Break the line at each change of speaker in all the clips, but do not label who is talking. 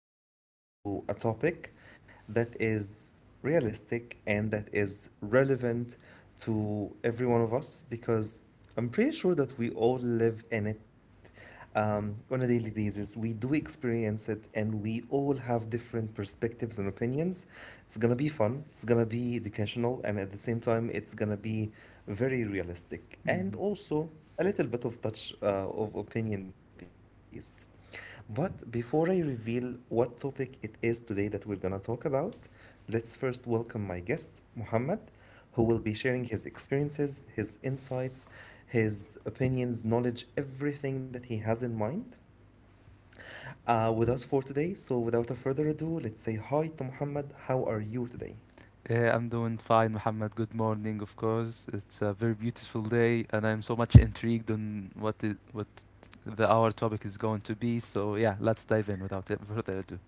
diving into a topic that is realistic and that is relevant to every one of us because I'm pretty sure that we all live in it on a daily basis. We do experience it, and we all have different perspectives and opinions. It's gonna be fun, it's gonna be educational, and at the same time, it's gonna be very realistic
Mhm.
and also a little bit of touch of opinion based. But before I reveal what topic it is today that we're gonna talk about, let's first welcome my guest, Muhammad, who will be sharing his experiences, his insights, his opinions, knowledge, everything that he has in mind with us for today. So, without a further ado, let's say hi to Muhammad. How are you today?
I'm doing fine, Muhammad. Good morning, of course. It's a very beautiful day, and I'm so much intrigued on what the our topic is going to be. So yeah, let's dive in without further ado.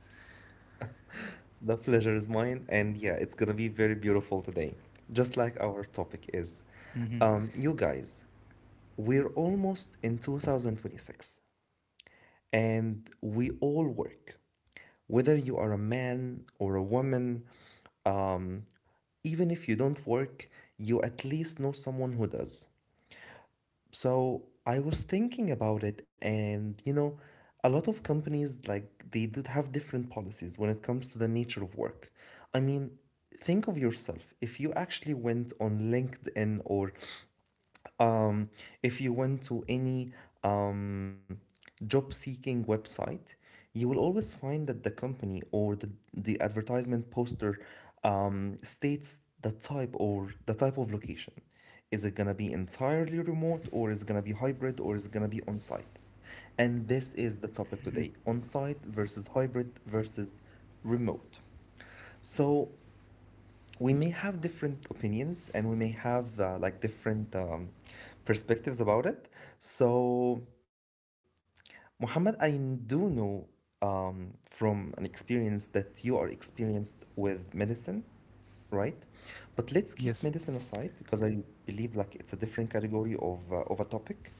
The pleasure is mine, and yeah, it's gonna be very beautiful today, just like our topic is.
hmm
You guys, we're almost in 2026, and we all work whether you are a man or a woman, um, even if you don't work, you at least know someone who does. So I was thinking about it, and you know, a lot of companies like they do have different policies when it comes to the nature of work. I mean, think of yourself. If you actually went on LinkedIn or um, if you went to any um, job seeking website, you will always find that the company or the advertisement poster states the type or the type of location. Is it gonna be entirely remote or is it gonna be hybrid or is it gonna be on site? And this is the topic today: on site versus hybrid versus remote. So we may have different opinions and we may have like different perspectives about it. So Muhammad, I do know from an experience that you are experienced with medicine, right? But let's keep
Yes.
medicine aside because I believe like it's a different category of a topic.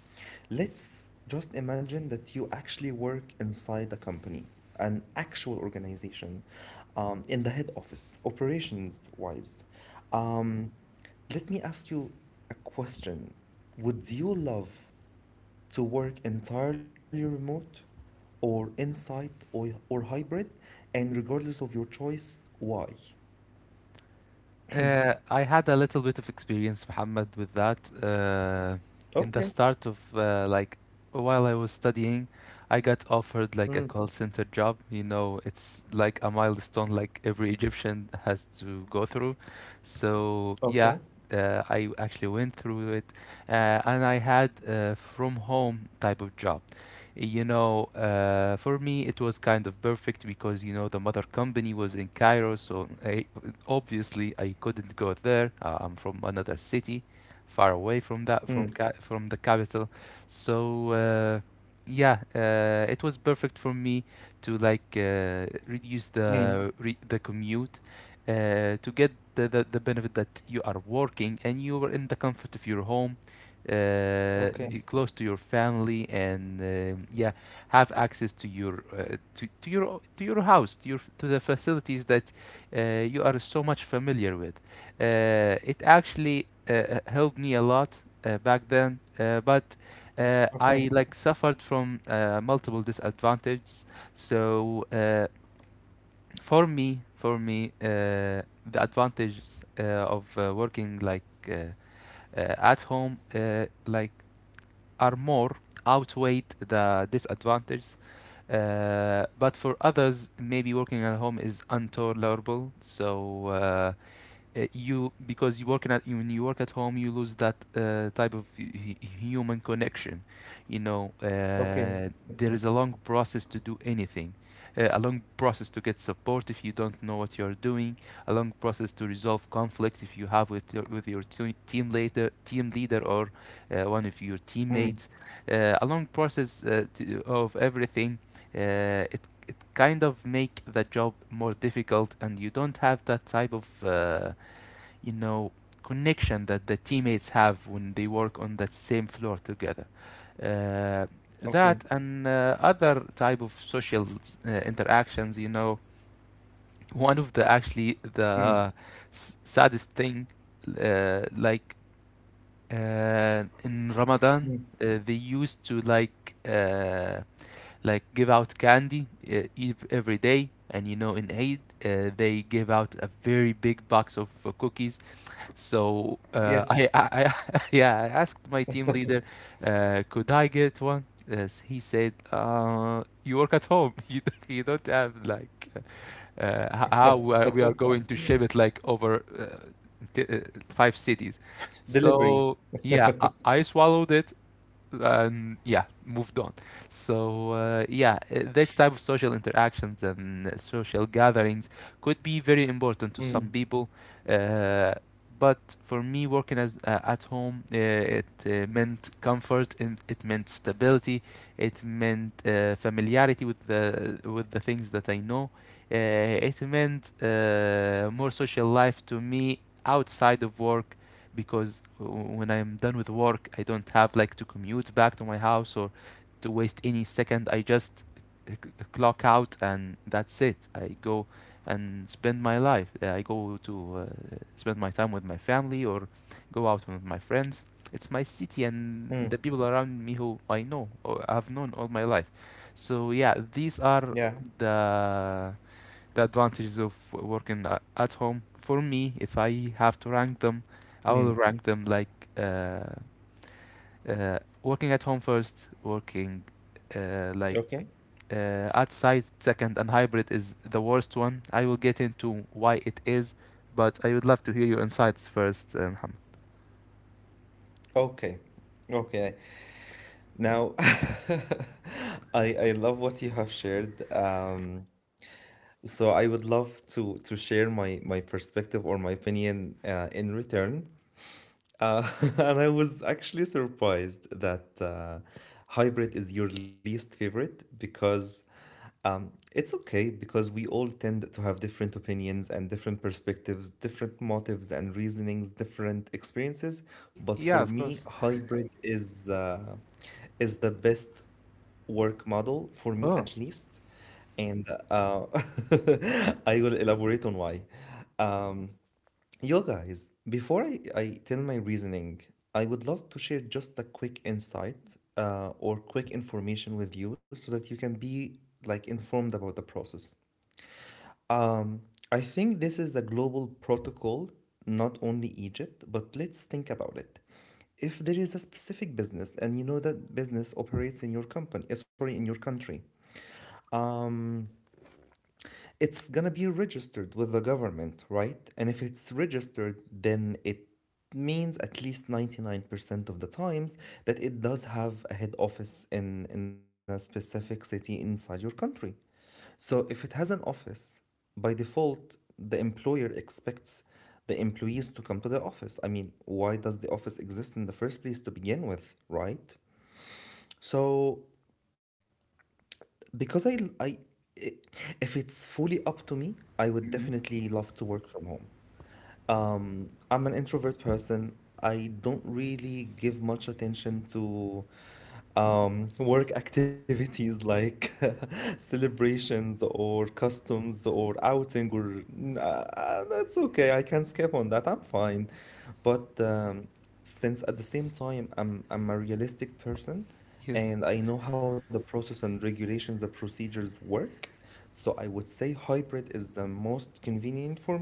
Let's just imagine that you actually work inside a company, an actual organization, in the head office, operations wise. Um, Let me ask you a question. Would you love to work entirely remote or on-site or hybrid, and regardless of your choice, why?
I had a little bit of experience, Muhammad, with that. In
Okay.
the start of while I was studying, I got offered like a
Mm.
call center job. You know, it's like a milestone like every Egyptian has to go through. So yeah,
Okay.
I actually went through it, and I had a from home type of job. For me it was kind of perfect because you know the mother company was in Cairo, so I, obviously, I couldn't go there. I'm from another city, far away from
Mm.
the capital. So uh, yeah, it was perfect for me to like reduce
Mm.
the commute, to get the benefit that you are working and you are in the comfort of your home,
Okay.
close to your family, and have access to your to your house, to your to the facilities that you are so much familiar with. It actually helped me a lot back then, but I
Okay.
like suffered from multiple disadvantages. So uh, for me, for me, uh, the advantages of working like uh, at home are more outweigh the disadvantages. But for others, maybe working at home is intolerable. So you Because you working at when you work at home you lose that type of human connection. you know uh,
Okay.
there is a long process to do anything, a long process to get support if you don't know what you're doing, a long process to resolve conflict if you have with team leader or one of your teammates,
Mm.
a long process of everything. Uh, it it kind of make the job more difficult and you don't have that type of you know connection that the teammates have when they work on that same floor together. Uh,
Okay.
that and other type of social interactions, you know, one of the actually the
Mm.
saddest thing, uh, like in Ramadan,
Mm.
they used to give out candy every day, and you know, in Eid, they give out a very big box of cookies. So I,
Yes.
I, I yeah, I asked my team leader, could I get one? Yes, he said, you work at home. You don't have like how we are going to ship it like over t five cities.
Delivery.
So yeah, I swallowed it and yeah, moved on. So this type of social interactions and social gatherings could be very important to some
Mm.
people, uh, but for me, working as at home, it meant comfort and it meant stability. It meant familiarity with the things that I know. Uh, it meant more social life to me outside of work, because when I'm done with work, I don't have like to commute back to my house or to waste any second. I just clock out and that's it. I go and spend my life. I go to spend my time with my family or go out with my friends. It's my city and
Mm.
the people around me who I know or I've known all my life. So yeah, these are
Yeah.
the the advantages of working at home. For me, if I have to rank them, I will
Mm.
rank them like working at home first, working uh,
Okay.
like outside second, and hybrid is the worst one. I will get into why it is, but I would love to hear your insights first, Mohammed.
Okay. Okay. Now, I love what you have shared. So I would love to share my perspective or my opinion in return. Uh, and I was actually surprised that hybrid is your least favorite because it's okay because we all tend to have different opinions and different perspectives, different motives and reasonings, different experiences. But
Yeah,
for
of
me,
course.
hybrid is the best work model for me at
Oh,
least, and I will elaborate on why. Yo, guys, before I tell my reasoning, I would love to share just a quick insight or quick information with you so that you can be like informed about the process. Um, I think this is a global protocol, not only Egypt, but let's think about it. If there is a specific business and you know that business operates in your company, sorry, in your country, um, it's gonna be registered with the government, right? And if it's registered, then it means at least 99% of the times that it does have a head office in a specific city inside your country. So if it has an office, by default, the employer expects the employees to come to the office. I mean, why does the office exist in the first place to begin with, right? So because I, I, if it's fully up to me, I would
hmm,
definitely love to work from home. I'm an introvert person. I don't really give much attention to work activities like celebrations or customs or outing or that's okay. I can skip on that. I'm fine. But since at the same time I'm a realistic person
yes,
and I know how the process and regulations, the procedures work, so I would say hybrid is the most convenient for me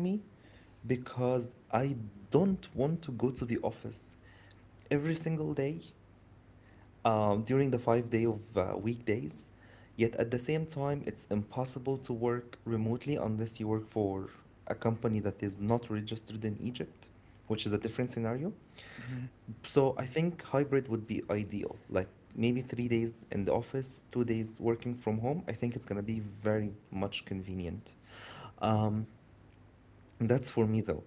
because I don't want to go to the office every single day during the 5 day of weekdays. Yet at the same time, it's impossible to work remotely unless you work for a company that is not registered in Egypt, which is a different scenario. So I think hybrid would be ideal, like maybe 3 days in the office, 2 days working from home. I think it's going to be very much convenient. That's for me though.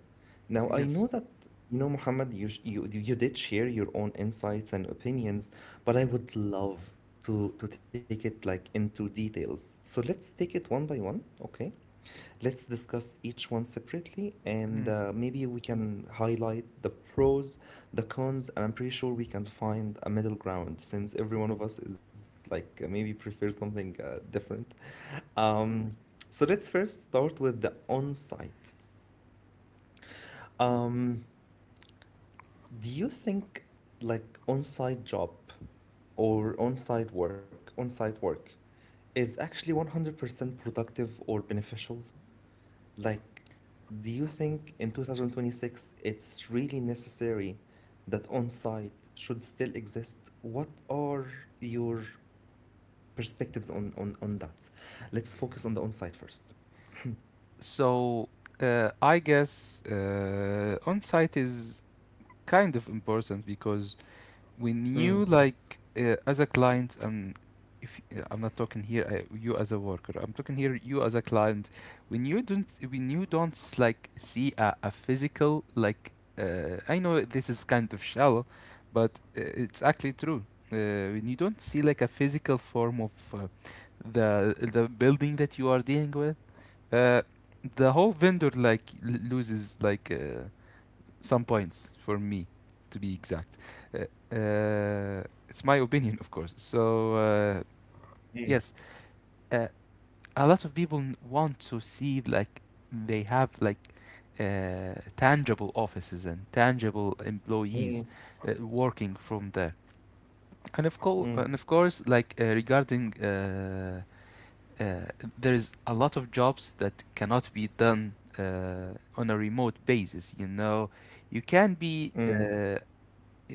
Now I know
yes.
that, you know, Muhammad, you did share your own insights and opinions, but I would love to take it like into details. So let's take it one by one, okay? Let's discuss each one separately and
Mm.
maybe we can highlight the pros, the cons, and I'm pretty sure we can find a middle ground since every one of us is like maybe prefers something different. Um, so let's first start with the on-site. Um, do you think like on-site job or on-site work is actually 100% productive or beneficial? Like, do you think in 2026 it's really necessary that on-site should still exist? What are your perspectives on that? Let's focus on the on-site first.
So I guess on site is kind of important because when you like as a client, if I'm not talking here you as a worker, I'm talking here you as a client. When you don't like see a physical like, I know this is kind of shallow, but it's actually true. uh, when you don't see like a physical form of the building that you are dealing with, uh, the whole vendor like loses like some points for me, to be exact. Uh, uh, it's my opinion, of course. So
Mm,
yes, uh, a lot of people want to see like they have like tangible offices and tangible
mm,
employees working from there. And of course,
mm,
and of course, like regarding. Uh, there's a lot of jobs that cannot be done on a remote basis. You know, you can be
mm,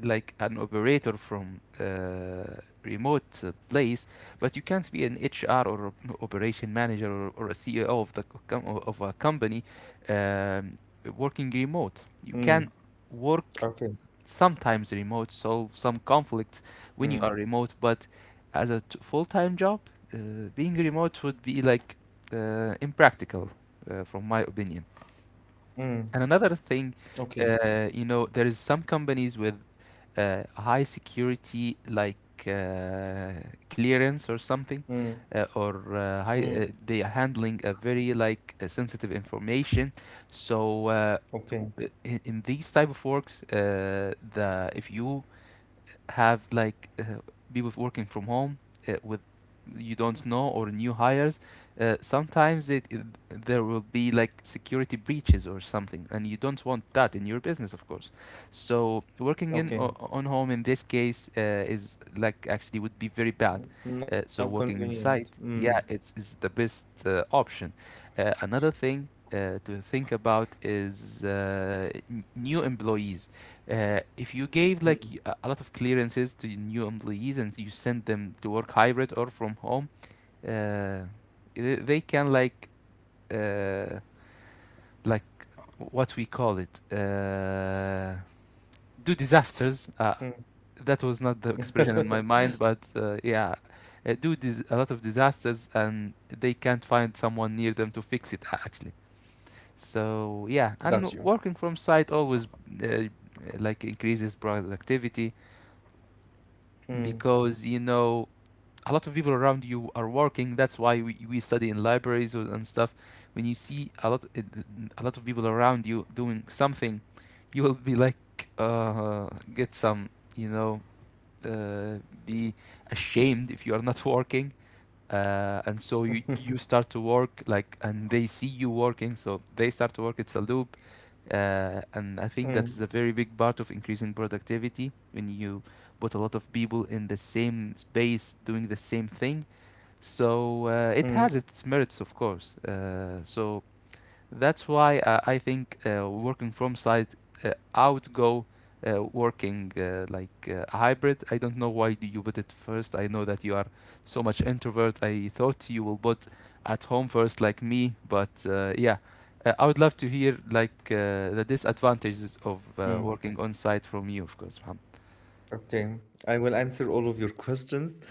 like an operator from remote place, but you can't be an HR or operation manager or a CEO of a company, um, working remote. You
mm.
can work
Okay.
sometimes remote, solve some conflicts when
Mm,
you are remote, but as a full-time job, uh, being remote would be like impractical, from my opinion.
mm,
And another thing,
okay.
you know, there is some companies with high security like uh, clearance or something, or high,
Mm,
they are handling a very like sensitive information. So
okay,
in these type of works, the if you have like people working from home with you don't know or new hires, sometimes there will be like security breaches or something and you don't want that in your business, of course. So working
okay.
on home in this case is like actually would be very bad.
Mm, not
So working
convenient.
inside
Mm,
yeah it's, is the best option. Another thing to think about is new employees. If you gave like
mm,
a lot of clearances to new employees and you send them to work hybrid or from home, uh, they can like uh, like what we call it, uh, do disasters.
mm.
That was not the expression in my mind, but a lot of disasters and they can't find someone near them to fix it actually. So yeah,
Got
and
you.
working from site always uh, like increases productivity,
Mm,
because you know a lot of people around you are working. That's why we study in libraries or- and stuff. When you see a lot of people around you doing something, you will be like uh, get some you know uh, be ashamed if you are not working, and so you start to work like and they see you working so they start to work, it's a loop. And I think that is
mm,
a very big part of increasing productivity when you put a lot of people in the same space doing the same thing. So it has
mm,
its merits, of course. So that's why I think working from site outgo working a hybrid. I don't know why do you put it first. I know that you are so much introvert. I thought you will put at home first like me, but yeah. I would love to hear like the disadvantages of
mm.
working on site from you, of course, Mohammed.
Okay, I will answer all of your questions.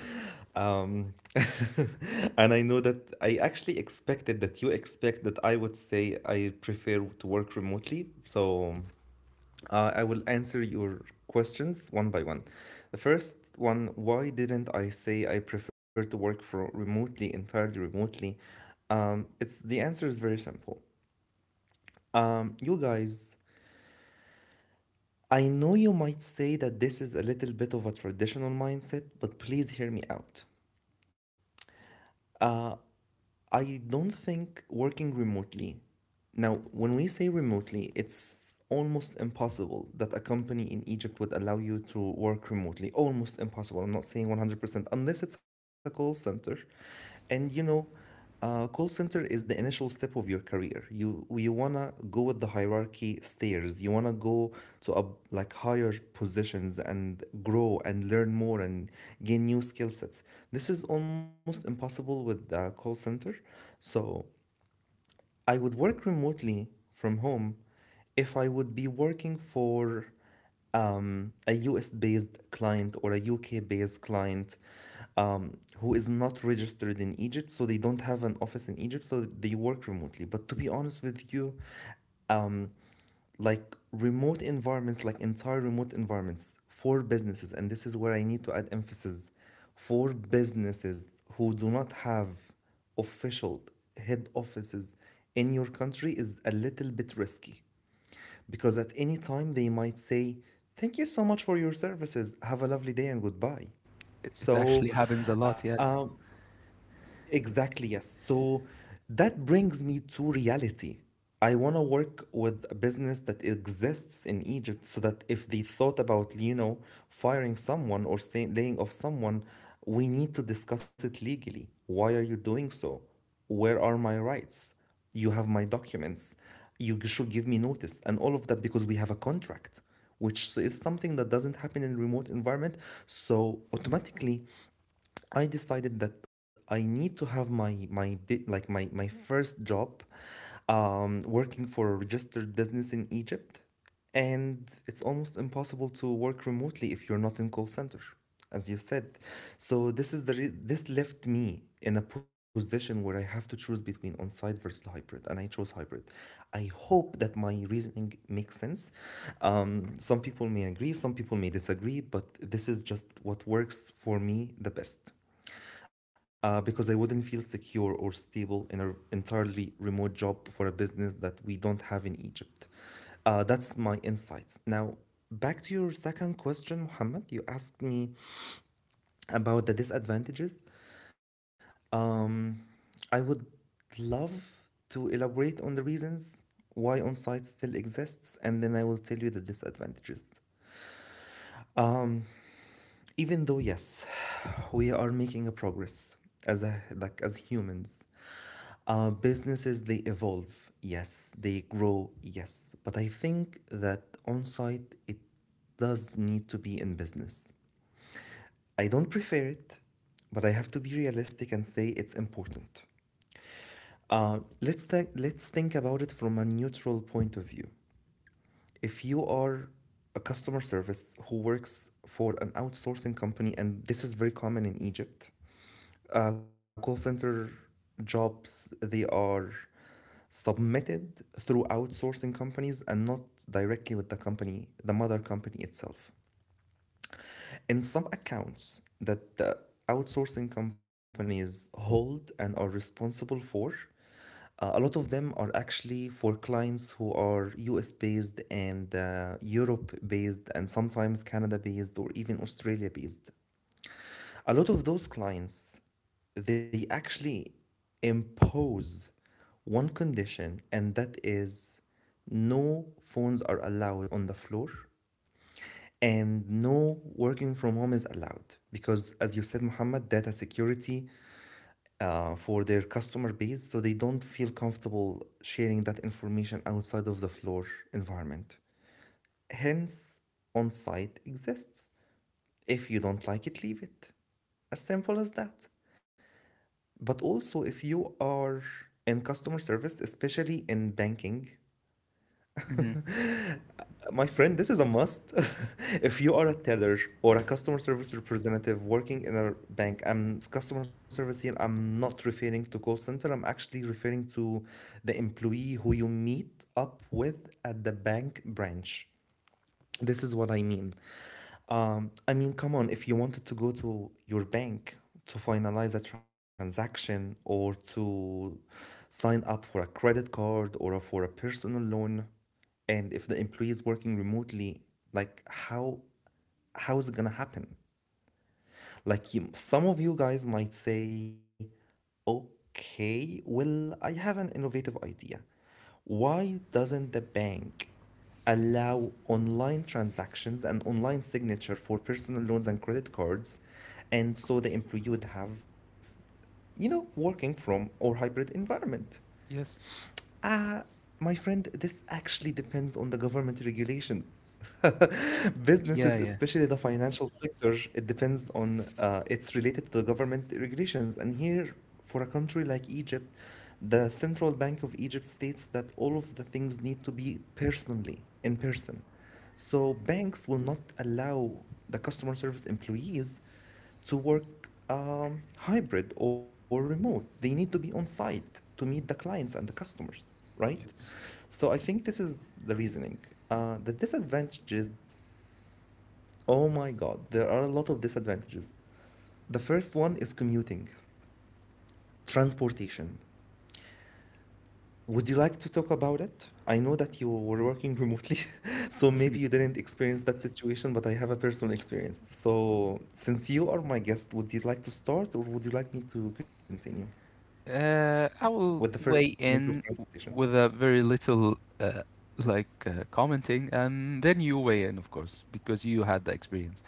Um, and I know that I actually expected that you expect that I would say I prefer to work remotely. So I will answer your questions one by one. The first one: why didn't I say I prefer to work for remotely, entirely remotely? It's the answer is very simple. You guys, I know you might say that this is a little bit of a traditional mindset, but please hear me out. I don't think working remotely. Now, when we say remotely, it's almost impossible that a company in Egypt would allow you to work remotely. Almost impossible. I'm not saying 100%, unless it's a call center. And you know, call center is the initial step of your career. You wanna go with the hierarchy stairs. You wanna go to a like higher positions and grow and learn more and gain new skill sets. This is almost impossible with the call center. So I would work remotely from home if I would be working for a US based client or a UK based client who is not registered in Egypt, so they don't have an office in Egypt, so they work remotely. But to be honest with you, like remote environments, like entire remote environments for businesses, and this is where I need to add emphasis for businesses who do not have official head offices in your country, is a little bit risky because at any time they might say, thank you so much for your services, have a lovely day and goodbye.
It actually
So,
happens a lot,
uh,
yes.
exactly, yes. So that brings me to reality. I want to work with a business that exists in Egypt so that if they thought about, you know, firing someone or laying off someone, we need to discuss it legally. Why are you doing so? Where are my rights? You have my documents. Should give me notice. And all of that because we have a contract, which is something that doesn't happen in remote environment. So automatically, I decided that I need to have my my bit like my first job, working for a registered business in Egypt, and it's almost impossible to work remotely if you're not in call center, as you said. So this is this left me in a position where I have to choose between on-site versus hybrid, and I chose hybrid. I hope that my reasoning makes sense. Some people may agree, some people may disagree, but this is just what works for me the best. Because I wouldn't feel secure or stable in an entirely remote job for a business that we don't have in Egypt. That's my insights. Now, back to your second question, Mohammed. You asked me about the disadvantages. Um, I would love to elaborate on the reasons why on site still exists, and then I will tell you the disadvantages. Even though, yes, we are making a progress as a, like as humans. Businesses they evolve, yes, they grow, yes, but I think that on site it does need to be in business. I don't prefer it, but I have to be realistic and say it's important. Let's think about it from a neutral point of view. If you are a customer service who works for an outsourcing company, and this is very common in Egypt, call center jobs they are submitted through outsourcing companies and not directly with the company, the mother company itself. In some accounts that the outsourcing companies hold and are responsible for, a lot of them are actually for clients who are US based and Europe based and sometimes Canada based or even Australia based. A lot of those clients, they actually impose one condition, and that is no phones are allowed on the floor and no working from home is allowed because as you said Muhammad, data security for their customer base, so they don't feel comfortable sharing that information outside of the floor environment, hence on site exists. If you don't like it, leave it, as simple as that. But also if you are in customer service, especially in banking,
Hmm.
my friend, this is a must. If you are a teller or a customer service representative working in a bank, I'm customer service here, I'm not referring to call center. I'm actually referring to the employee who you meet up with at the bank branch. This is what I mean. I mean, come on, if you wanted to go to your bank to finalize a transaction or to sign up for a credit card or for a personal loan, and if the employee is working remotely, like how is it gonna happen? Like you, some of you guys might say, okay, well, I have an innovative idea. Why doesn't the bank allow online transactions and online signature for personal loans and credit cards? And so the employee would have, working from or hybrid environment.
Yes.
Ah, my friend, this actually depends on the government regulations.
Y- yeah,
Businesses,
yeah.
especially the financial sector, it depends on, it's related to the government regulations. And here, for a country like Egypt, the Central Bank of Egypt states that all of the things need to be personally, in person. So banks will not allow the customer service employees to work hybrid or remote. They need to be on site to meet the clients and the customers, right?
Yes.
So I think this is the reasoning. The disadvantages, oh my God, there are a lot of disadvantages. The first one is commuting, transportation. Would you like to talk about it? I know that you were working remotely, so maybe you didn't experience that situation, but I have a personal experience. So, since you are my guest, would you like to start or would you like me to continue?
I
With the
will
first
weigh
disadvantage of
in
transportation.
with a very little, commenting, and then you weigh in, of course, because you had the experience.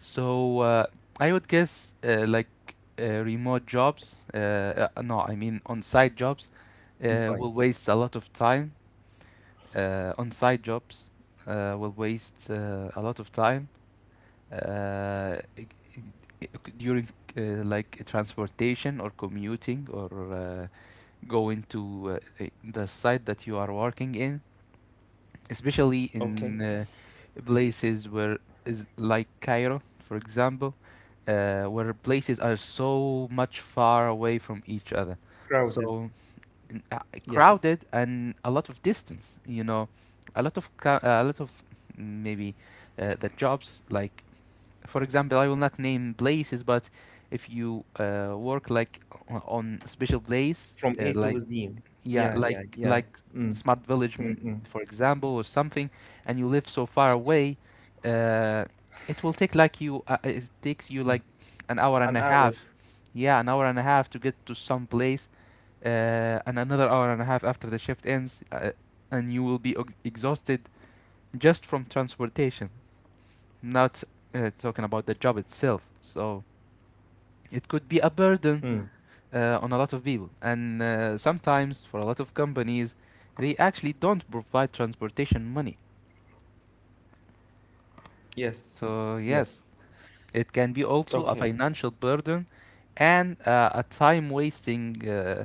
So, I would guess, remote jobs, no, I mean on-site jobs,
Inside.
will waste a lot of time. On-site jobs, will waste a lot of time uh, i- i- during, transportation or commuting or. Going to the site that you are working in, especially
Okay.
in places where is like Cairo, for example, where places are so much far away from each other.
Crowded.
So n- uh,
Yes.
crowded and a lot of distance, you know, a lot of maybe the jobs like, for example, I will not name places, but if you work like on a special place,
From A to Z.
yeah,
Yeah, yeah, yeah. Mm,
smart village,
mm, mm.
for example, or something, and you live so far away, uh, it will take like you. It takes you like an hour and a
An hour.
half. Yeah, an hour and a half to get to some place, and another hour and a half after the shift ends, and you will be exhausted just from transportation. Not talking about the job itself. So it could be a burden
Mm.
on a lot of people. And sometimes, for a lot of companies, they actually don't provide transportation money.
Yes.
So, yes,
Yes.
it can be also a
Okay.
financial burden and a time wasting uh,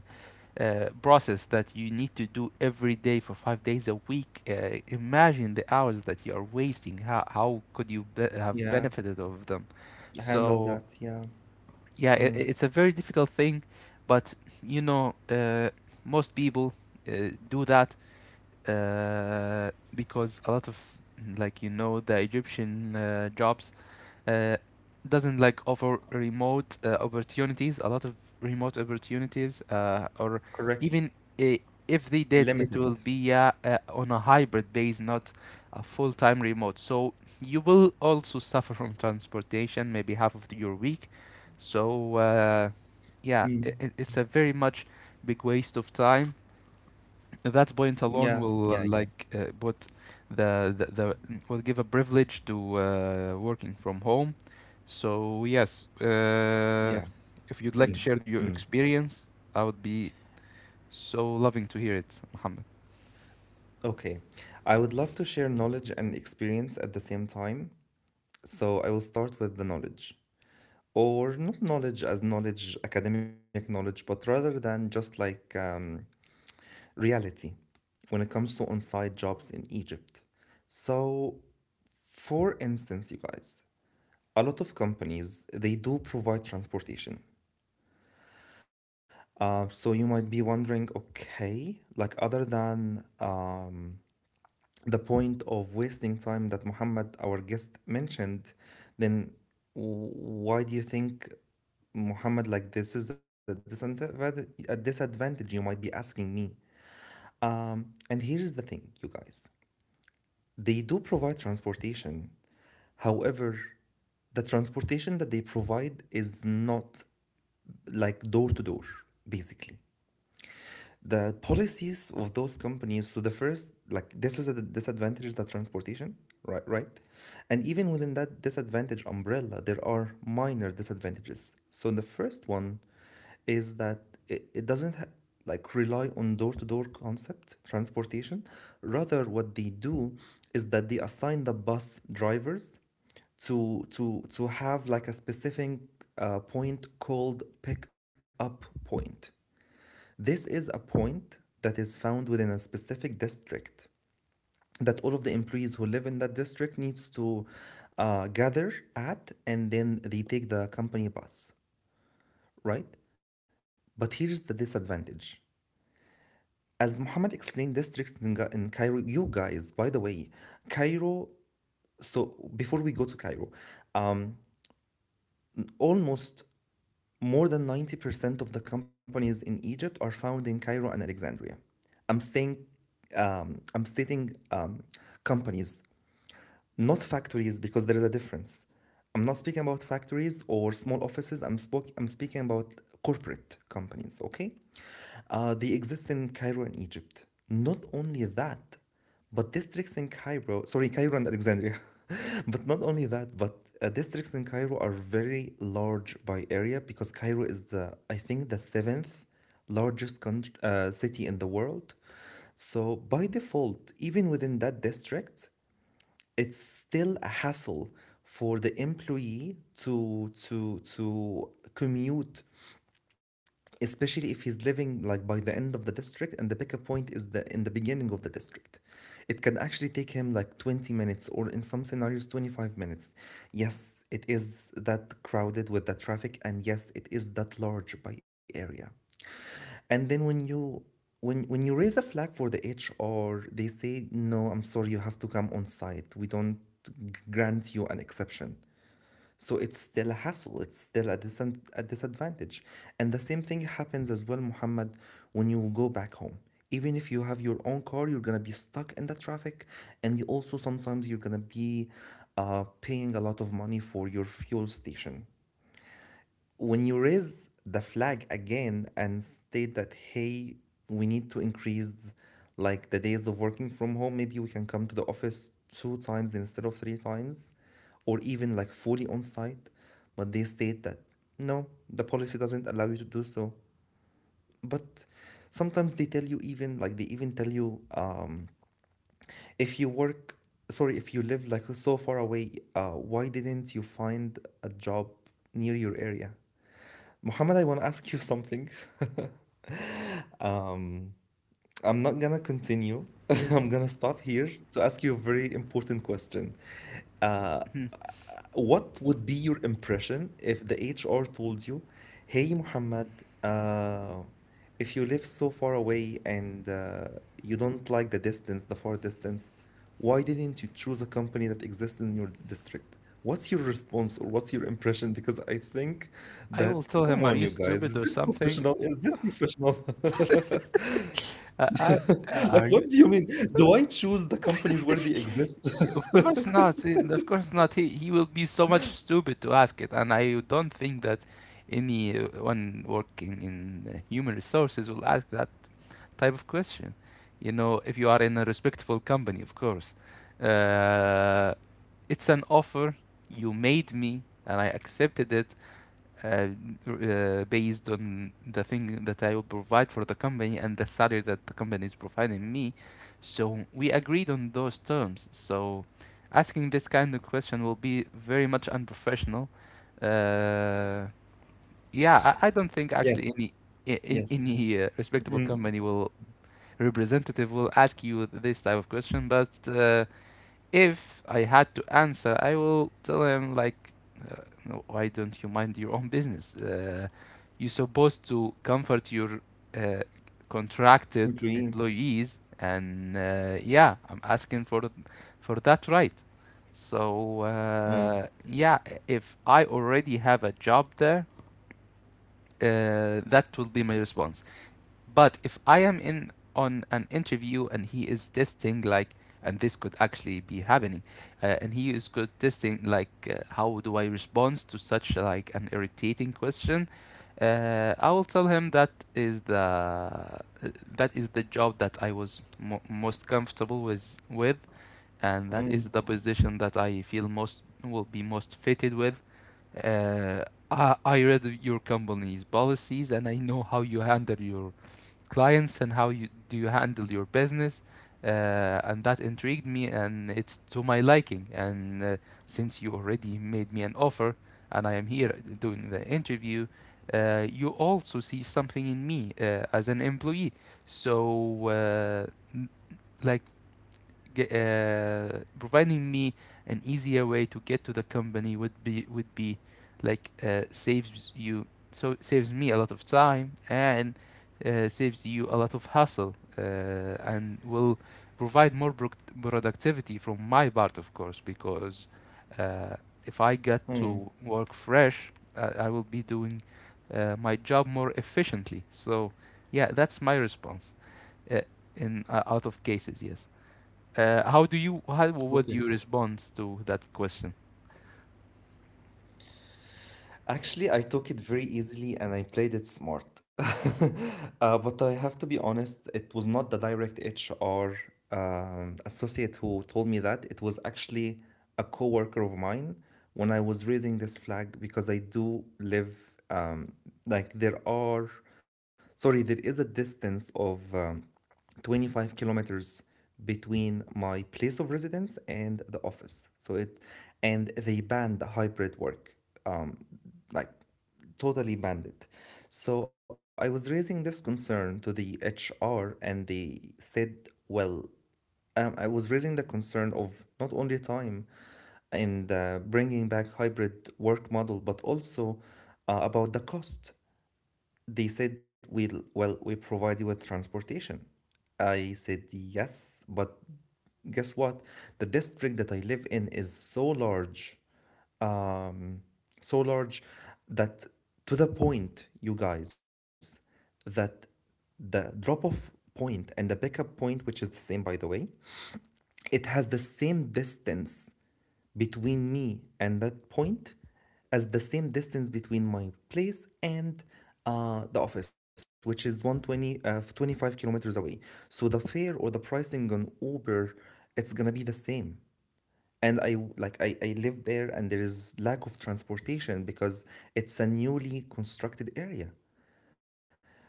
uh, process that you need to do every day for 5 days a week. Imagine the hours that you are wasting. How could you have
Yeah.
benefited of them?
Handle
So,
that. Yeah.
yeah, it,
Mm.
it's a very difficult thing, but you know, uh, most people do that because a lot of the Egyptian jobs uh, doesn't like offer remote opportunities. A lot of remote opportunities, or
Correct.
even I if they did, it
Limited.
will be on a hybrid base, not a full-time remote. So you will also suffer from transportation, maybe half of your week. So yeah,
Mm.
it's a very much big waste of time at that point
Yeah,
alone
yeah,
will
yeah,
like put the will give a privilege to working from home. So yes,
yeah.
if you'd like to
Mm.
share your
Mm.
experience, I would be so loving to hear it, Mohammed.
Okay. I would love to share knowledge and experience at the same time, so I will start with the knowledge. Or not knowledge as knowledge, academic knowledge, but rather than just like reality when it comes to on site jobs in Egypt. So, for instance, you guys, a lot of companies they do provide transportation. So you might be wondering, okay, like other than the point of wasting time that Muhammad, our guest, mentioned, then why do you think, Muhammad, like this is a disadvantage you might be asking me? And here is the thing, you guys. They do provide transportation. However, the transportation that they provide is not like door to door, basically. The policies of those companies, so the first, like, this is a disadvantage, is the transportation, right, right, and even within that disadvantage umbrella there are minor disadvantages. So the first one is that it doesn't ha- like rely on door-to-door concept transportation. Rather what they do is that they assign the bus drivers to have like a specific point called pick up point. This is a point that is found within a specific district that all of the employees who live in that district needs to gather at, and then they take the company bus, right? But here's the disadvantage. As Muhammad explained, districts in Cairo, you guys, by the way, Cairo, so before we go to Cairo, um, almost, more than 90% of the companies in Egypt are found in Cairo and Alexandria. I'm saying, I'm stating companies, not factories, because there is a difference. I'm not speaking about factories or small offices. I'm speaking about corporate companies. Okay. They exist in Cairo and Egypt. Not only that, but districts in Cairo, sorry, Cairo and Alexandria. But not only that, but districts in Cairo are very large by area because Cairo is the, I think, the seventh largest con city in the world. So by default, even within that district it's still a hassle for the employee to commute, especially if he's living like by the end of the district and the pickup point is the in the beginning of the district. It can actually take him like 20 minutes or in some scenarios 25 minutes. Yes, it is that crowded with the traffic, and yes, it is that large by area. And then when you, when you raise a flag for the HR, they say no, I'm sorry, you have to come on site, we don't grant you an exception. So it's still a hassle. It's still a disadvantage. And the same thing happens as well, Muhammad, when you go back home. Even if you have your own car, you're gonna be stuck in the traffic, and you also sometimes you're gonna be paying a lot of money for your fuel station. When you raise the flag again and state that, hey, we need to increase like the days of working from home, maybe we can come to the office two times instead of three times or even like fully on site, but they state that no, the policy doesn't allow you to do so. But sometimes they tell you, even like they even tell you, if you work, sorry, if you live like so far away, why didn't you find a job near your area? Muhammad, I want to ask you something. I'm not gonna continue. I'm
Yes,
gonna stop here to ask you a very important question. Uh, what would be your impression if the HR told you, "Hey, Muhammad, uh, if you live so far away and you don't like the distance, the far distance, why didn't you choose a company that exists in your district?" What's your response or what's your impression? Because I think
I
that,
will tell
come
him, are
on,
you
you guys,
stupid
is
or
this
something?
professional? Is this professional?
Uh, are, are
Like,
you?
what do you mean? Do I choose the companies where they exist?
Of course not. Of course not. He will be so much stupid to ask it, and I don't think that anyone working in human resources will ask that type of question. If you are in a respectable company, of course. Uh, it's an offer you made me, and I accepted it uh, based on the thing that I will provide for the company and the salary that the company is providing me. So we agreed on those terms. So asking this kind of question will be very much unprofessional. Uh, yeah, I don't think actually
Yes,
in
yes.
any respectable
Mm,
company will representative will ask you this type of question. But if I had to answer, I will tell him like, uh, no, why don't you mind your own business? You're supposed to comfort your uh, contracted
employee.
employees, and yeah, I'm asking for for that right. So
Mm,
uh, yeah, if I already have a job there, that will be my response. But if I am in on an interview and he is testing like, and this could actually be happening, and he is good testing like, how do I respond to such like an irritating question? I will tell him is the uh, that is the job that I was most comfortable with, and that
mm,
is the position that I feel most will be most fitted with. Uh, I read your company's policies, and I know how you handle your clients and how you handle your business, uh, and that intrigued me, and it's to my liking, and since you already made me an offer and I am here doing the interview, you also see something in me as an employee. So like, providing me an easier way to get to the company would be, like, saves you, saves me a lot of time, and saves you a lot of hassle, and will provide more productivity from my part, of course, because uh, if I get
mm.
to work fresh, I will be doing my job more efficiently. So yeah, that's my response, uh, in out of cases. Yes. How would
Okay.
you respond to that question?
Actually, I took it very easily and I played it smart. But I have to be honest, it was not the direct HR associate who told me that. It was actually a coworker of mine when I was raising this flag because I do live, um, like, there are, sorry, there is a distance of 25 kilometers between my place of residence and the office. So it, and they banned the hybrid work. Um, like, totally banned. So I was raising this concern to the HR and they said, well, I was raising the concern of not only time and bringing back hybrid work model, but also about the cost. They said, we'll, well, we provide you with transportation. I said, yes, but guess what? The district that I live in is so large, um, so large, that, to the point, you guys, that the drop off point and the pickup point, which is the same by the way, it has the same distance between me and that point as the same distance between my place and the office, which is 120, 25 kilometers away. So the fare or the pricing on Uber, it's gonna be the same, and like, I live there and there is lack of transportation because it's a newly constructed area.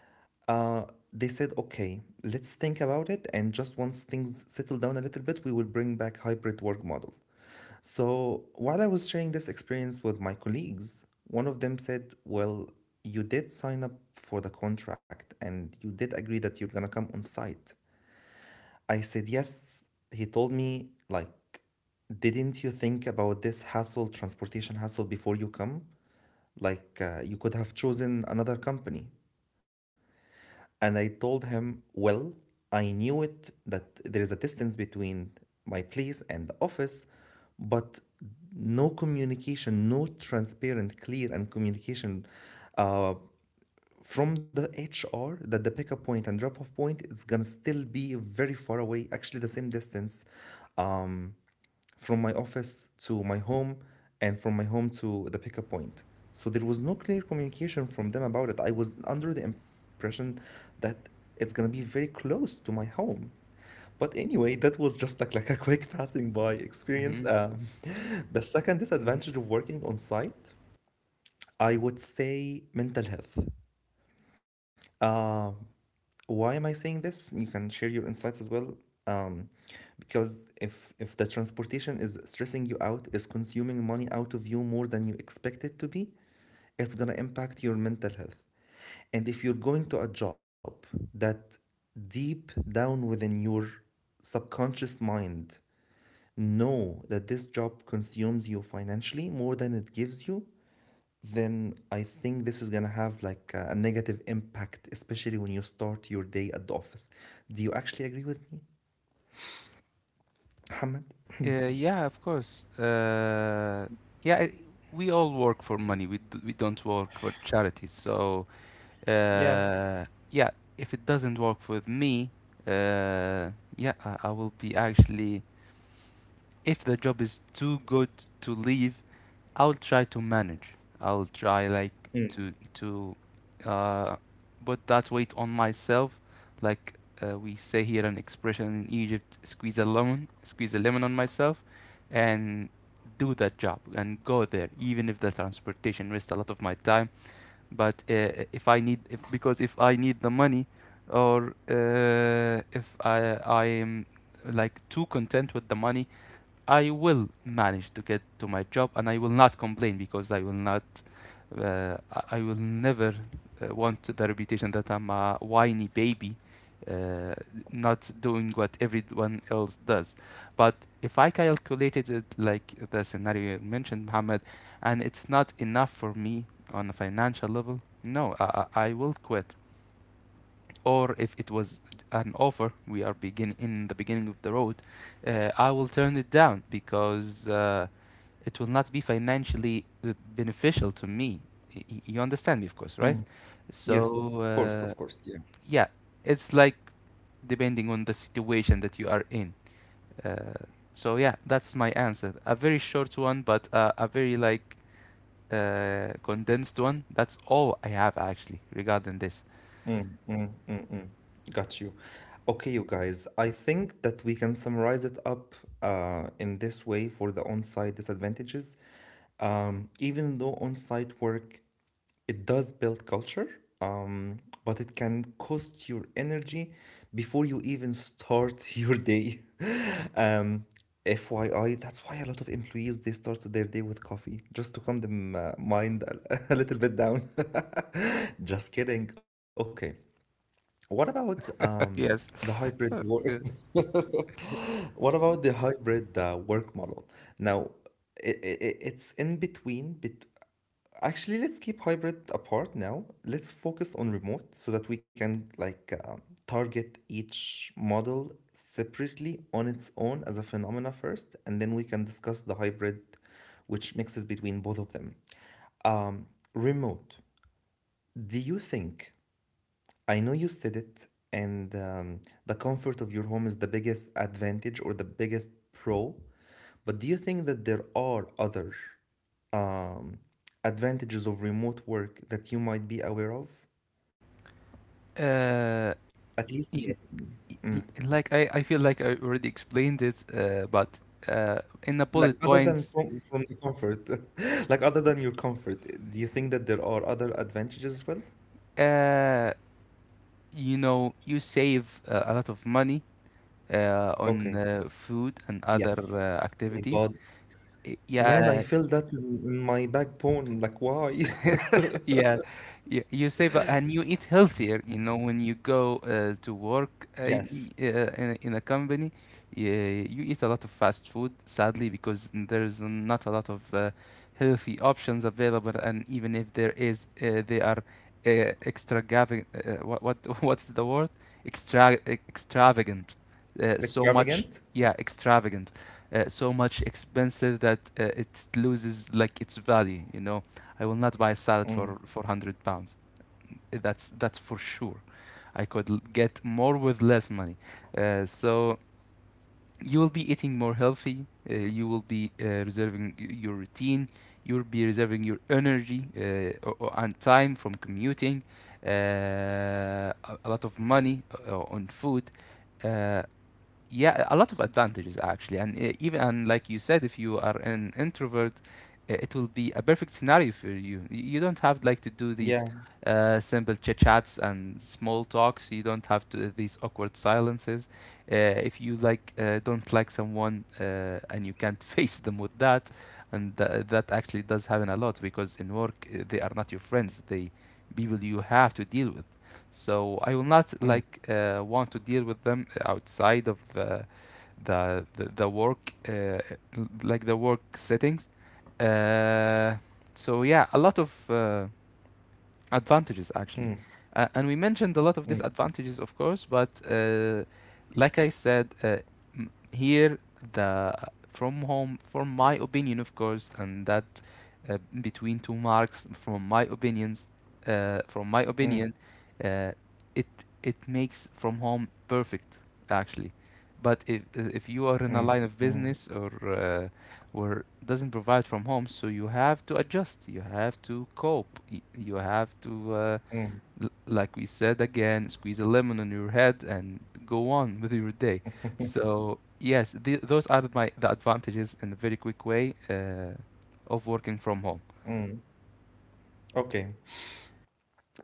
Uh, they said, okay, let's think about it, and just once things settle down a little bit, we will bring back hybrid work model. So while I was sharing this experience with my colleagues, one of them said, well, you did sign up for the contract and you did agree that you're gonna come on site. I said, yes. He told me, like, didn't you think about this hassle, transportation hassle, before you come? Like, you could have chosen another company. And I told him, "Well, I knew it that there is a distance between my place and the office, but no communication, no transparent, clear, and communication uh, from the HR that the pickup point and drop off point is gonna still be very far away, actually the same distance um, from my office to my home and from my home to the pickup point. So there was no clear communication from them about it. I was under the impression that it's gonna be very close to my home. But anyway, that was just like a quick passing by experience.
Hmm.
The second disadvantage of working on site, I would say mental health. Um, why am I saying this? You can share your insights as well um, because if the transportation is stressing you out, is consuming money out of you more than you expect it to be, it's going to impact your mental health. And if you're going to a job that deep down within your subconscious mind know that this job consumes you financially more than it gives you, then I think this is gonna have like a negative impact, especially when you start your day at the office. Do you actually agree with me, Mohammed?
Yeah, of course. Yeah, we all work for money. We don't work for charity. So
Yeah.
uh, yeah, if it doesn't work with me, uh, yeah, I will be actually if the job is too good to leave, I'll try to manage. I'll try, like, to
Mm,
to uh, put that weight on myself. Like, we say here an expression in Egypt, squeeze a lemon on myself, and do that job and go there, even if the transportation wastes a lot of my time. But if I need, if, because if I need the money, or if I am like too content with the money, I will manage to get to my job and I will not complain because I will never want the reputation that I'm a whiny baby, uh, not doing what everyone else does. But if I calculated it like the scenario you mentioned, Mohammed, and it's not enough for me on a financial level, no, I will quit, or if it was an offer we are begin in the beginning of the road, I will turn it down because it will not be financially beneficial to me. You understand me, of course, right?
mm. Yes, of
so
course, of
uh,
course. Yeah,
yeah, it's like depending on the situation that you are in. uh, so yeah, that's my answer, a very short one, but a very, like, condensed one. That's all I have actually regarding this.
got you. Okay, you guys, I think that we can summarize it up in this way for the on-site disadvantages. Even though on-site work, it does build culture, um, but it can cost your energy before you even start your day. FYI, that's why a lot of employees they start their day with coffee just to calm them mind a little bit down. Just kidding. Okay. What about um the
Yes.
hybrid work? What about the hybrid work model? Now, it's in between bet Actually, let's keep hybrid apart now. Let's focus on remote so that we can like target each model separately on its own as a phenomena first, and then we can discuss the hybrid, which mixes between both of them. Um, Remote. Do you think? I know you said it, and the comfort of your home is the biggest advantage or the biggest pro, but do you think that there are other um, advantages of remote work that you might be aware of?
uh,
At least in your
in,
opinion. Mm.
like I feel like I already explained it, but in a
Like
bullet
other than
point,
from the comfort, like other than your comfort, do you think that there are other advantages as well?
uh, you save a lot of money on
Okay.
food and other
Yes. My
activities.
God, man, I
Yeah,
feel that in my backbone. Like, why?
yeah, you save, and you eat healthier. You know, when you go to work
Yes.
in a company, you eat a lot of fast food, sadly, because there's not a lot of healthy options available. And even if there is, they are uh, extravagant. What What's the word? Extravagant. So much.
Extravagant?
Yeah, extravagant. So much expensive that it loses, like, its value. You know I will not buy a salad for
Mm.
400 pounds. That's for sure. I could get more with less money. So you will be eating more healthy. You will be reserving your routine. You'll be reserving your energy and time from commuting. Uh, a a lot of money on food. Uh, yeah, a lot of advantages actually, and even, and like you said, if you are an introvert, it will be a perfect scenario for you. You don't have, like, to do these
Yeah.
simple chit chats and small talks. You don't have to these awkward silences, if you, like, don't like someone, and you can't face them with that. And that actually does happen a lot because in work, they are not your friends, they people you have to deal with. So I will not,
Mm.
like, want to deal with them outside of the work, like the work settings. Uh, so yeah, a lot of advantages actually,
Mm.
and we mentioned a lot of
Mm.
disadvantages, of course, but like I said, here, the from home, from my opinion, of course, and that, between two marks, from my opinion,
Mm.
uh, it it makes from home perfect actually. But if you are in a
Mm.
line of
Mm.
business or where doesn't provide from home, so you have to adjust, you have to cope, you have to, uh,
Mm.
like we said again, squeeze a lemon on your head and go on with your day. So yes, those are my the advantages in a very quick way of working from home.
Mm. Okay.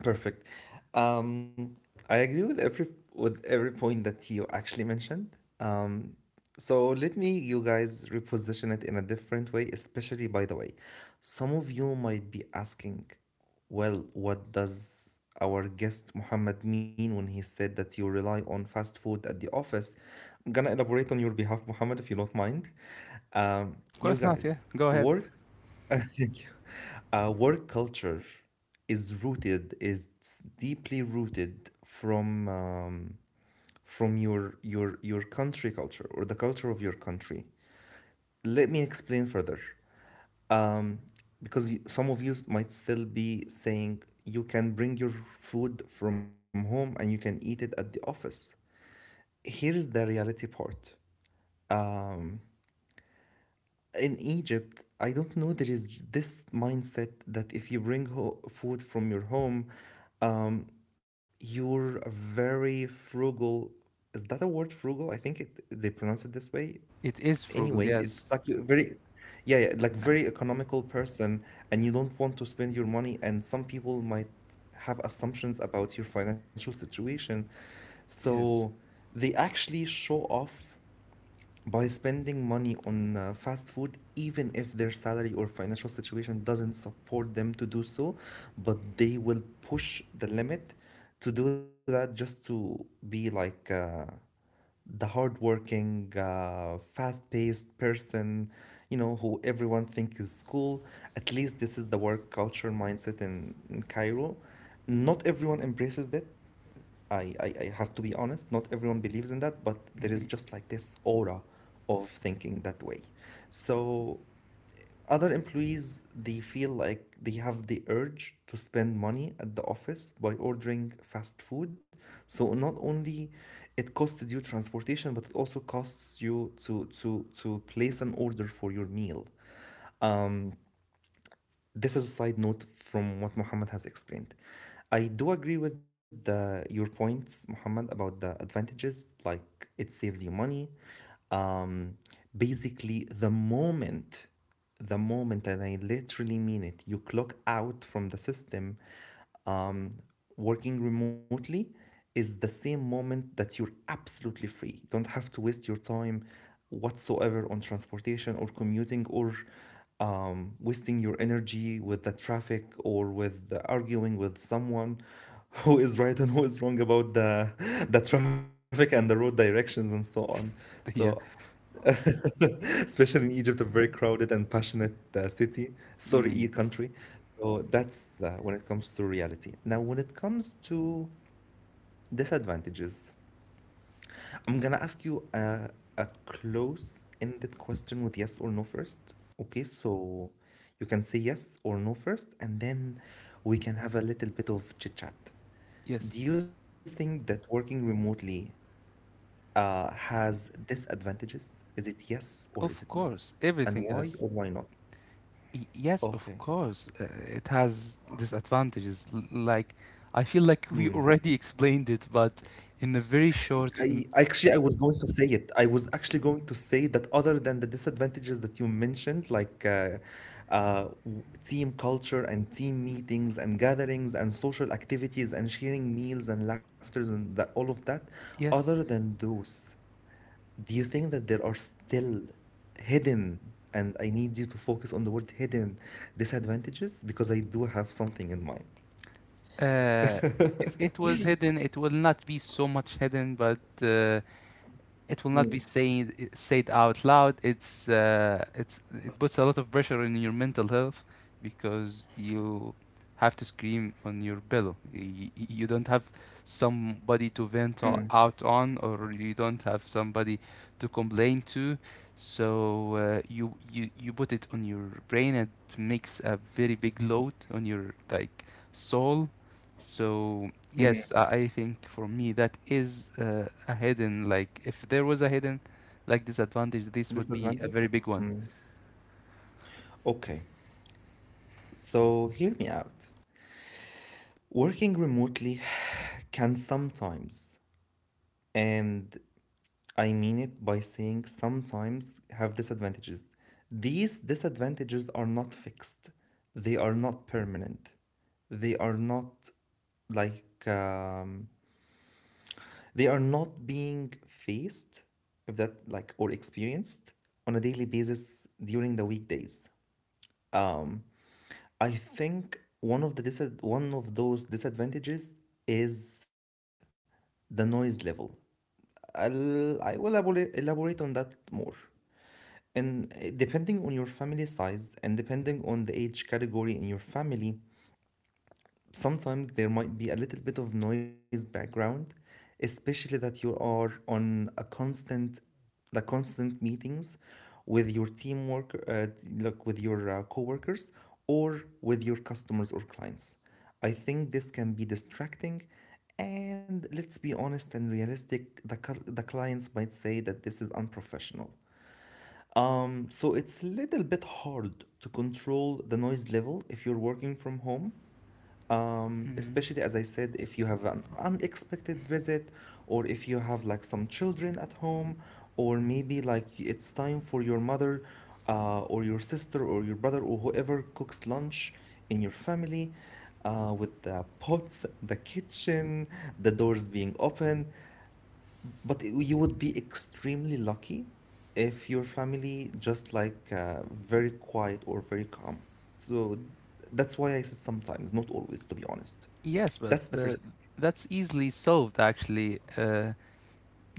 Perfect. Um, I agree with every point that you actually mentioned. So let me you guys reposition it in a different way, especially by the way. Some of you might be asking, well, what does our guest Muhammad mean when he said that you rely on fast food at the office? I'm gonna elaborate on your behalf, Muhammad, if you don't mind.
Of
You
course not, yeah,
guys,
go ahead.
work thank you. Work culture is deeply rooted from your country culture or the culture of your country. Let me explain further, um, because some of you might still be saying you can bring your food from home and you can eat it at the office. Here is the reality part. In Egypt, I don't know, there is this mindset that if you bring food from your home, um, you're a very frugal. Is that a word, frugal? I think they pronounce it this way.
It is
Anyway,
frugal,
it's
yes.
like you're very, yeah, yeah, like very economical person, and you don't want to spend your money. And some people might have assumptions about your financial situation, so
Yes.
they actually show off by spending money on fast food, even if their salary or financial situation doesn't support them to do so, but they will push the limit to do that just to be like the hardworking, fast-paced person, who everyone thinks is cool. At least this is the work culture mindset in Cairo. Not everyone embraces that. I have to be honest. Not everyone believes in that, but there is
Hmm.
just like this aura of thinking that way. So other employees, they feel like they have the urge to spend money at the office by ordering fast food. So not only it costs you transportation, but it also costs you to place an order for your meal. This is a side note from what Muhammad has explained. I do agree with your points, Muhammad, about the advantages. Like, it saves you money. Um, Basically, the moment, and I literally mean it, you clock out from the system, um, working remotely is the same moment that you're absolutely free. You don't have to waste your time whatsoever on transportation or commuting or wasting your energy with the traffic or with the arguing with someone who is right and who is wrong about the the traffic and the road directions and so on. So
Yeah.
especially in Egypt, a very crowded and passionate city, sorry,
Mm.
country. So that's when it comes to reality. Now, when it comes to disadvantages, I'm gonna ask you a close-ended question with yes or no first. Okay, so you can say yes or no first, and then we can have a little bit of chit chat.
Yes,
Do you think that working remotely has disadvantages? Is it yes or is it no?
of course,
And why
everything
or why
has.
not?
Yes,
Okay.
of course. It has disadvantages. Like, I feel like we
Mm.
already explained it, but in a very
I
short.
actually, I was going to say it. I was actually going to say that other than the disadvantages that you mentioned, like uh, w- team culture and team meetings and gatherings and social activities and sharing meals and laughters and that, all of that,
Yes.
other than those, do you think that there are still hidden, and I need you to focus on the word hidden, disadvantages because I do have something in mind.
Uh, if it was hidden, it will not be so much hidden, but it will not be saying said out loud. It puts a lot of pressure on your mental health because you have to scream on your pillow. You don't have somebody to vent out on, or you don't have somebody to complain to. So you put it on your brain, and it makes a very big load on your, like, soul. So, yes, I
Mm.
I think for me that is a hidden, like, if there was a hidden, like, disadvantage, this would be a very
Disadvantage?
big one.
Mm. Okay. So, hear me out. Working remotely can sometimes, and I mean it by saying sometimes, have disadvantages. These disadvantages are not fixed, they are not permanent, they are not like, they are not being faced, if that like, or experienced on a daily basis during the weekdays. Um, I think one of the disad one of those disadvantages is the noise level. I will elaborate on that more. And depending on your family size and depending on the age category in your family, sometimes there might be a little bit of noise background, especially that you are on the constant meetings with your teamwork, like with your coworkers or with your customers or clients. I think this can be distracting, and let's be honest and realistic. The clients might say that this is unprofessional. So it's a little bit hard to control the noise level if you're working from home,
Mm,
especially, as I said, if you have an unexpected visit, or if you have like some children at home, or maybe like it's time for your mother, or your sister, or your brother, or whoever cooks lunch in your family, with the pots, the kitchen, the doors being open. But you would be extremely lucky if your family just like very quiet or very calm. So that's why I said sometimes, not always, to be honest.
yes, but
That's the
uh,
first thing.
that's easily solved actually.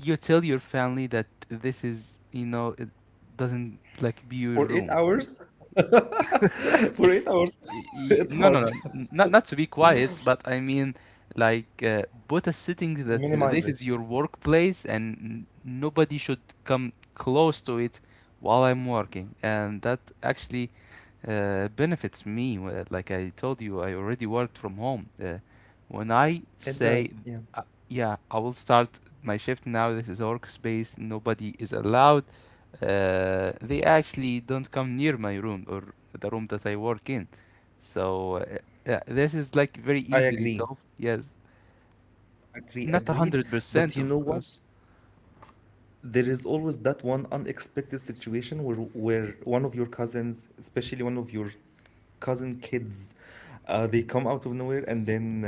You tell your family that this is, it doesn't, like, be your
For eight
room.
hours, for 8 hours, it's
No, no,
hard.
no, not to be quiet, but I mean, like, uh, put a setting that
Minimize it.
this is your workplace and nobody should come close to it while I'm working, and that actually benefits me. Like I told you, I already worked from home. When I
It
say,
does. Yeah.
uh, yeah, I will start my shift now. This is workspace. Nobody is allowed. They actually don't come near my room or the room that I work in. So yeah, this is like very
I
easily
agree.
solved. Yes,
Agree. Agreed.
not a hundred
But you know
percent,
what?
of course.
There is always that one unexpected situation where one of your cousins, especially one of your cousin kids, they come out of nowhere, and then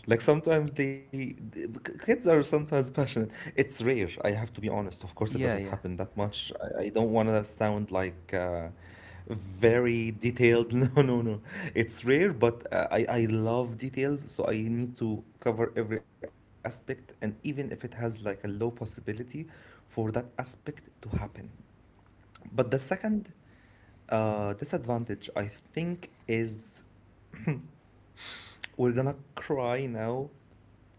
like sometimes kids are sometimes passionate. It's rare, I have to be honest. Of course it doesn't
Yeah,
happen
yeah.
that much. I don't want to sound like very detailed. No, no, no. It's rare, but I love details, so I need to cover every aspect, and even if it has like a low possibility for that aspect to happen. But the second disadvantage, I think, is, we're gonna cry now.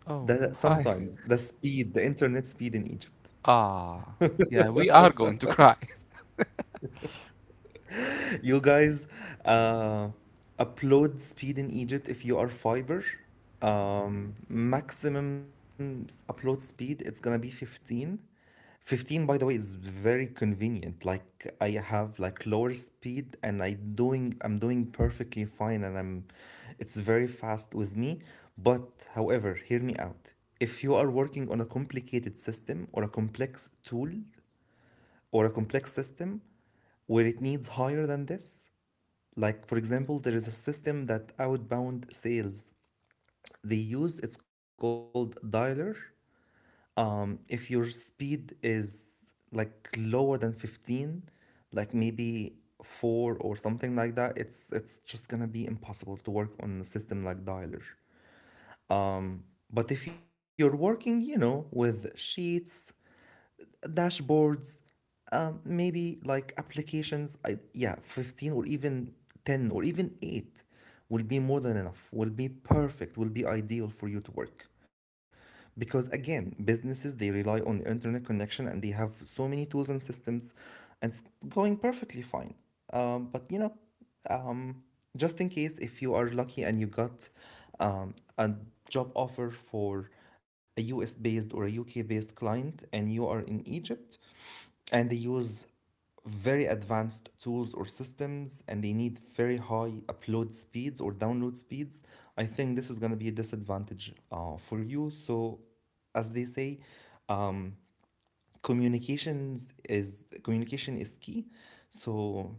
Oh,
The
hi.
sometimes the speed, the internet speed in Egypt.
Ah, yeah. We are going to cry.
You guys, uh, upload speed in Egypt if you are fiber. Maximum upload speed, it's gonna be 15. 15, by the way, is very convenient. Like I have like lower speed and I'm doing perfectly fine and I'm it's very fast with me. But however, hear me out. If you are working on a complicated system or a complex tool or a complex system where it needs higher than this, like, for example, there is a system that outbound sales they use. It's called dialer. If your speed is like lower than 15, like maybe four or something like that, it's just gonna be impossible to work on a system like dialer. But if you're working, with sheets, dashboards, maybe like applications, yeah, 15 or even 10 or even 8 will be more than enough, will be perfect, will be ideal for you to work. Because again, businesses, they rely on the internet connection, and they have so many tools and systems, and it's going perfectly fine. But just in case if you are lucky and you got a job offer for a US based or a UK based client and you are in Egypt, and they use very advanced tools or systems, and they need very high upload speeds or download speeds, I think this is going to be a disadvantage for you. So as they say, um, communication is key. So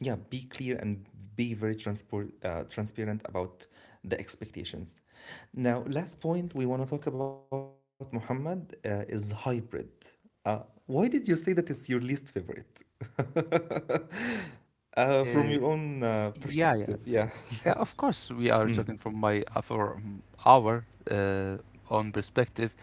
yeah, be clear and be very transparent about the expectations. Now, last point we want to talk about, Muhammad, is hybrid. uh, why did you say that it's your least favorite? From your
Uh,
own perspective,
yeah,
yeah.
yeah, yeah. Of course, we are talking from my for our uh, own perspective.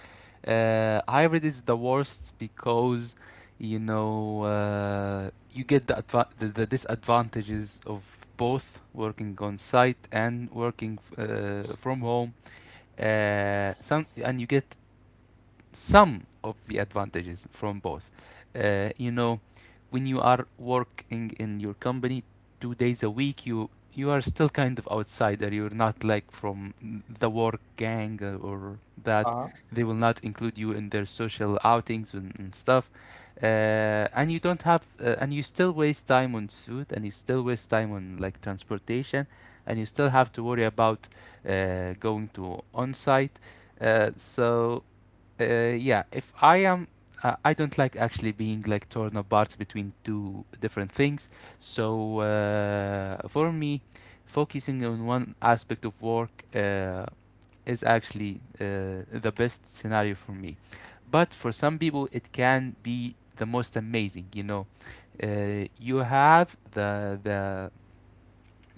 Hybrid is the worst because you know, you get the, adva the disadvantages of both working on site and working from home. Some and You get some of the advantages from both. You know, when you are working in your company two days a week, you are still kind of outsider. You're not like from the work gang or that.
Uh-huh.
They will not include you in their social outings and stuff. And you don't have, and you still waste time on food, and you still waste time on like transportation, and you still have to worry about going to on site. So yeah, if I am, I don't like actually being like torn apart between two different things. So for me, focusing on one aspect of work is actually the best scenario for me. But for some people, it can be the most amazing. You know, you have the the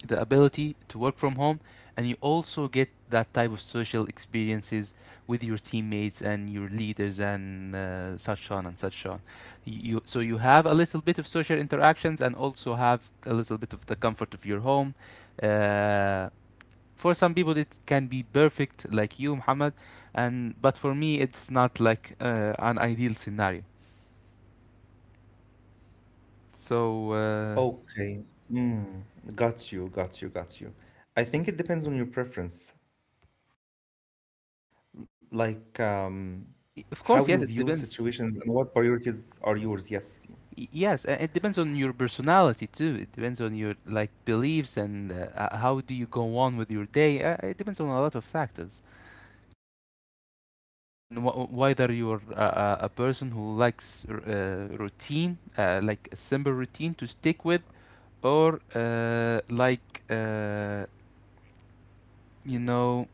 the ability to work from home, and you also get that type of social experiences with your teammates and your leaders and such on and such on. You so you have a little bit of social interactions and also have a little bit of the comfort of your home. uh, for some people it can be perfect, like you, Muhammad, and but for me it's not like an ideal scenario. so uh,
Okay. Mm, got you, got you, got you. I think it depends on your preference, like,
of
how
course, yes,
you
it
view
depends.
situations and what priorities are yours. Yes,
Yes, it depends on your personality too. It depends on your like beliefs, and how do you go on with your day. It depends on a lot of factors. And whether you're a person who likes routine, like a simple routine to stick with, or you know,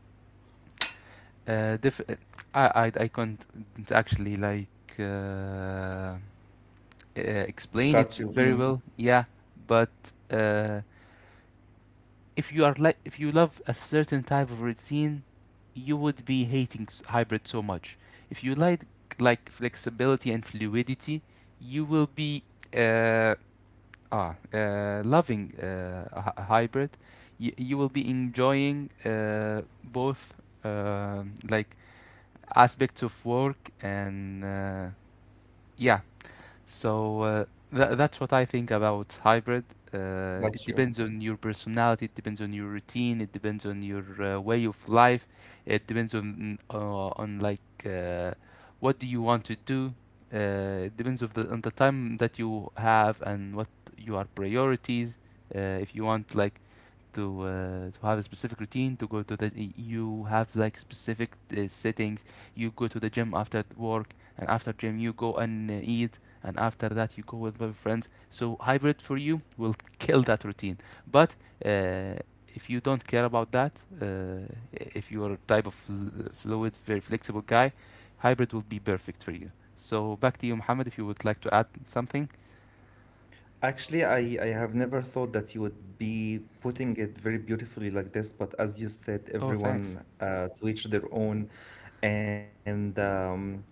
uh, diff- uh, I can't actually like explain it
got you,
very
mm,
well. Yeah, but. If you are like if you love a certain type of routine, you would be hating hybrid so much. If you like flexibility and fluidity, you will be uh, loving a hybrid. You will be enjoying both uh, like aspects of work and yeah. so uh, that's what I think about hybrid. It
got you.
depends on your personality, it depends on your routine, it depends on your way of life, it depends on what do you want to do. It depends of the on the time that you have and what your priorities. Uh, if you want like to to have a specific routine, to go to the you have like specific settings, you go to the gym after work, and after gym you go and eat, and after that you go with your friends, so hybrid for you will kill that routine. But uh, if you don't care about that, uh, if you are a type of fluid very flexible guy, hybrid will be perfect for you. So back to you, Mohammed, if you would like to add something.
Actually, I have never thought that you would be putting it very beautifully like this, but as you said,
Oh, thanks.
everyone to each their own. And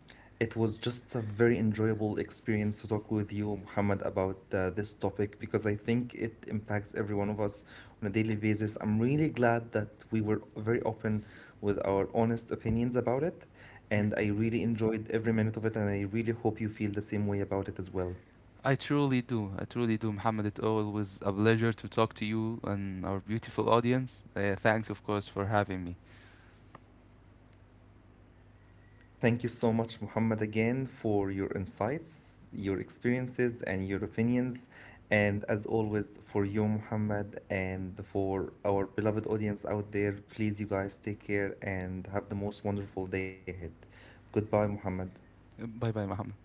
it was just a very enjoyable experience to talk with you, Muhammad, about this topic because I think it impacts every one of us on a daily basis. I'm really glad that we were very open with our honest opinions about it.
Mm.
And I really enjoyed every minute of it, and I really hope you feel the same way about it as well.
I truly do. I truly do, Muhammad. It always a pleasure to talk to you and our beautiful audience. Thanks, of course, for having me.
Thank you so much, Muhammad, again for your insights, your experiences, and your opinions. And as always, for you, Muhammad, and for our beloved audience out there, please, you guys, take care and have the most wonderful day ahead. Goodbye, Muhammad.
Bye bye, Muhammad.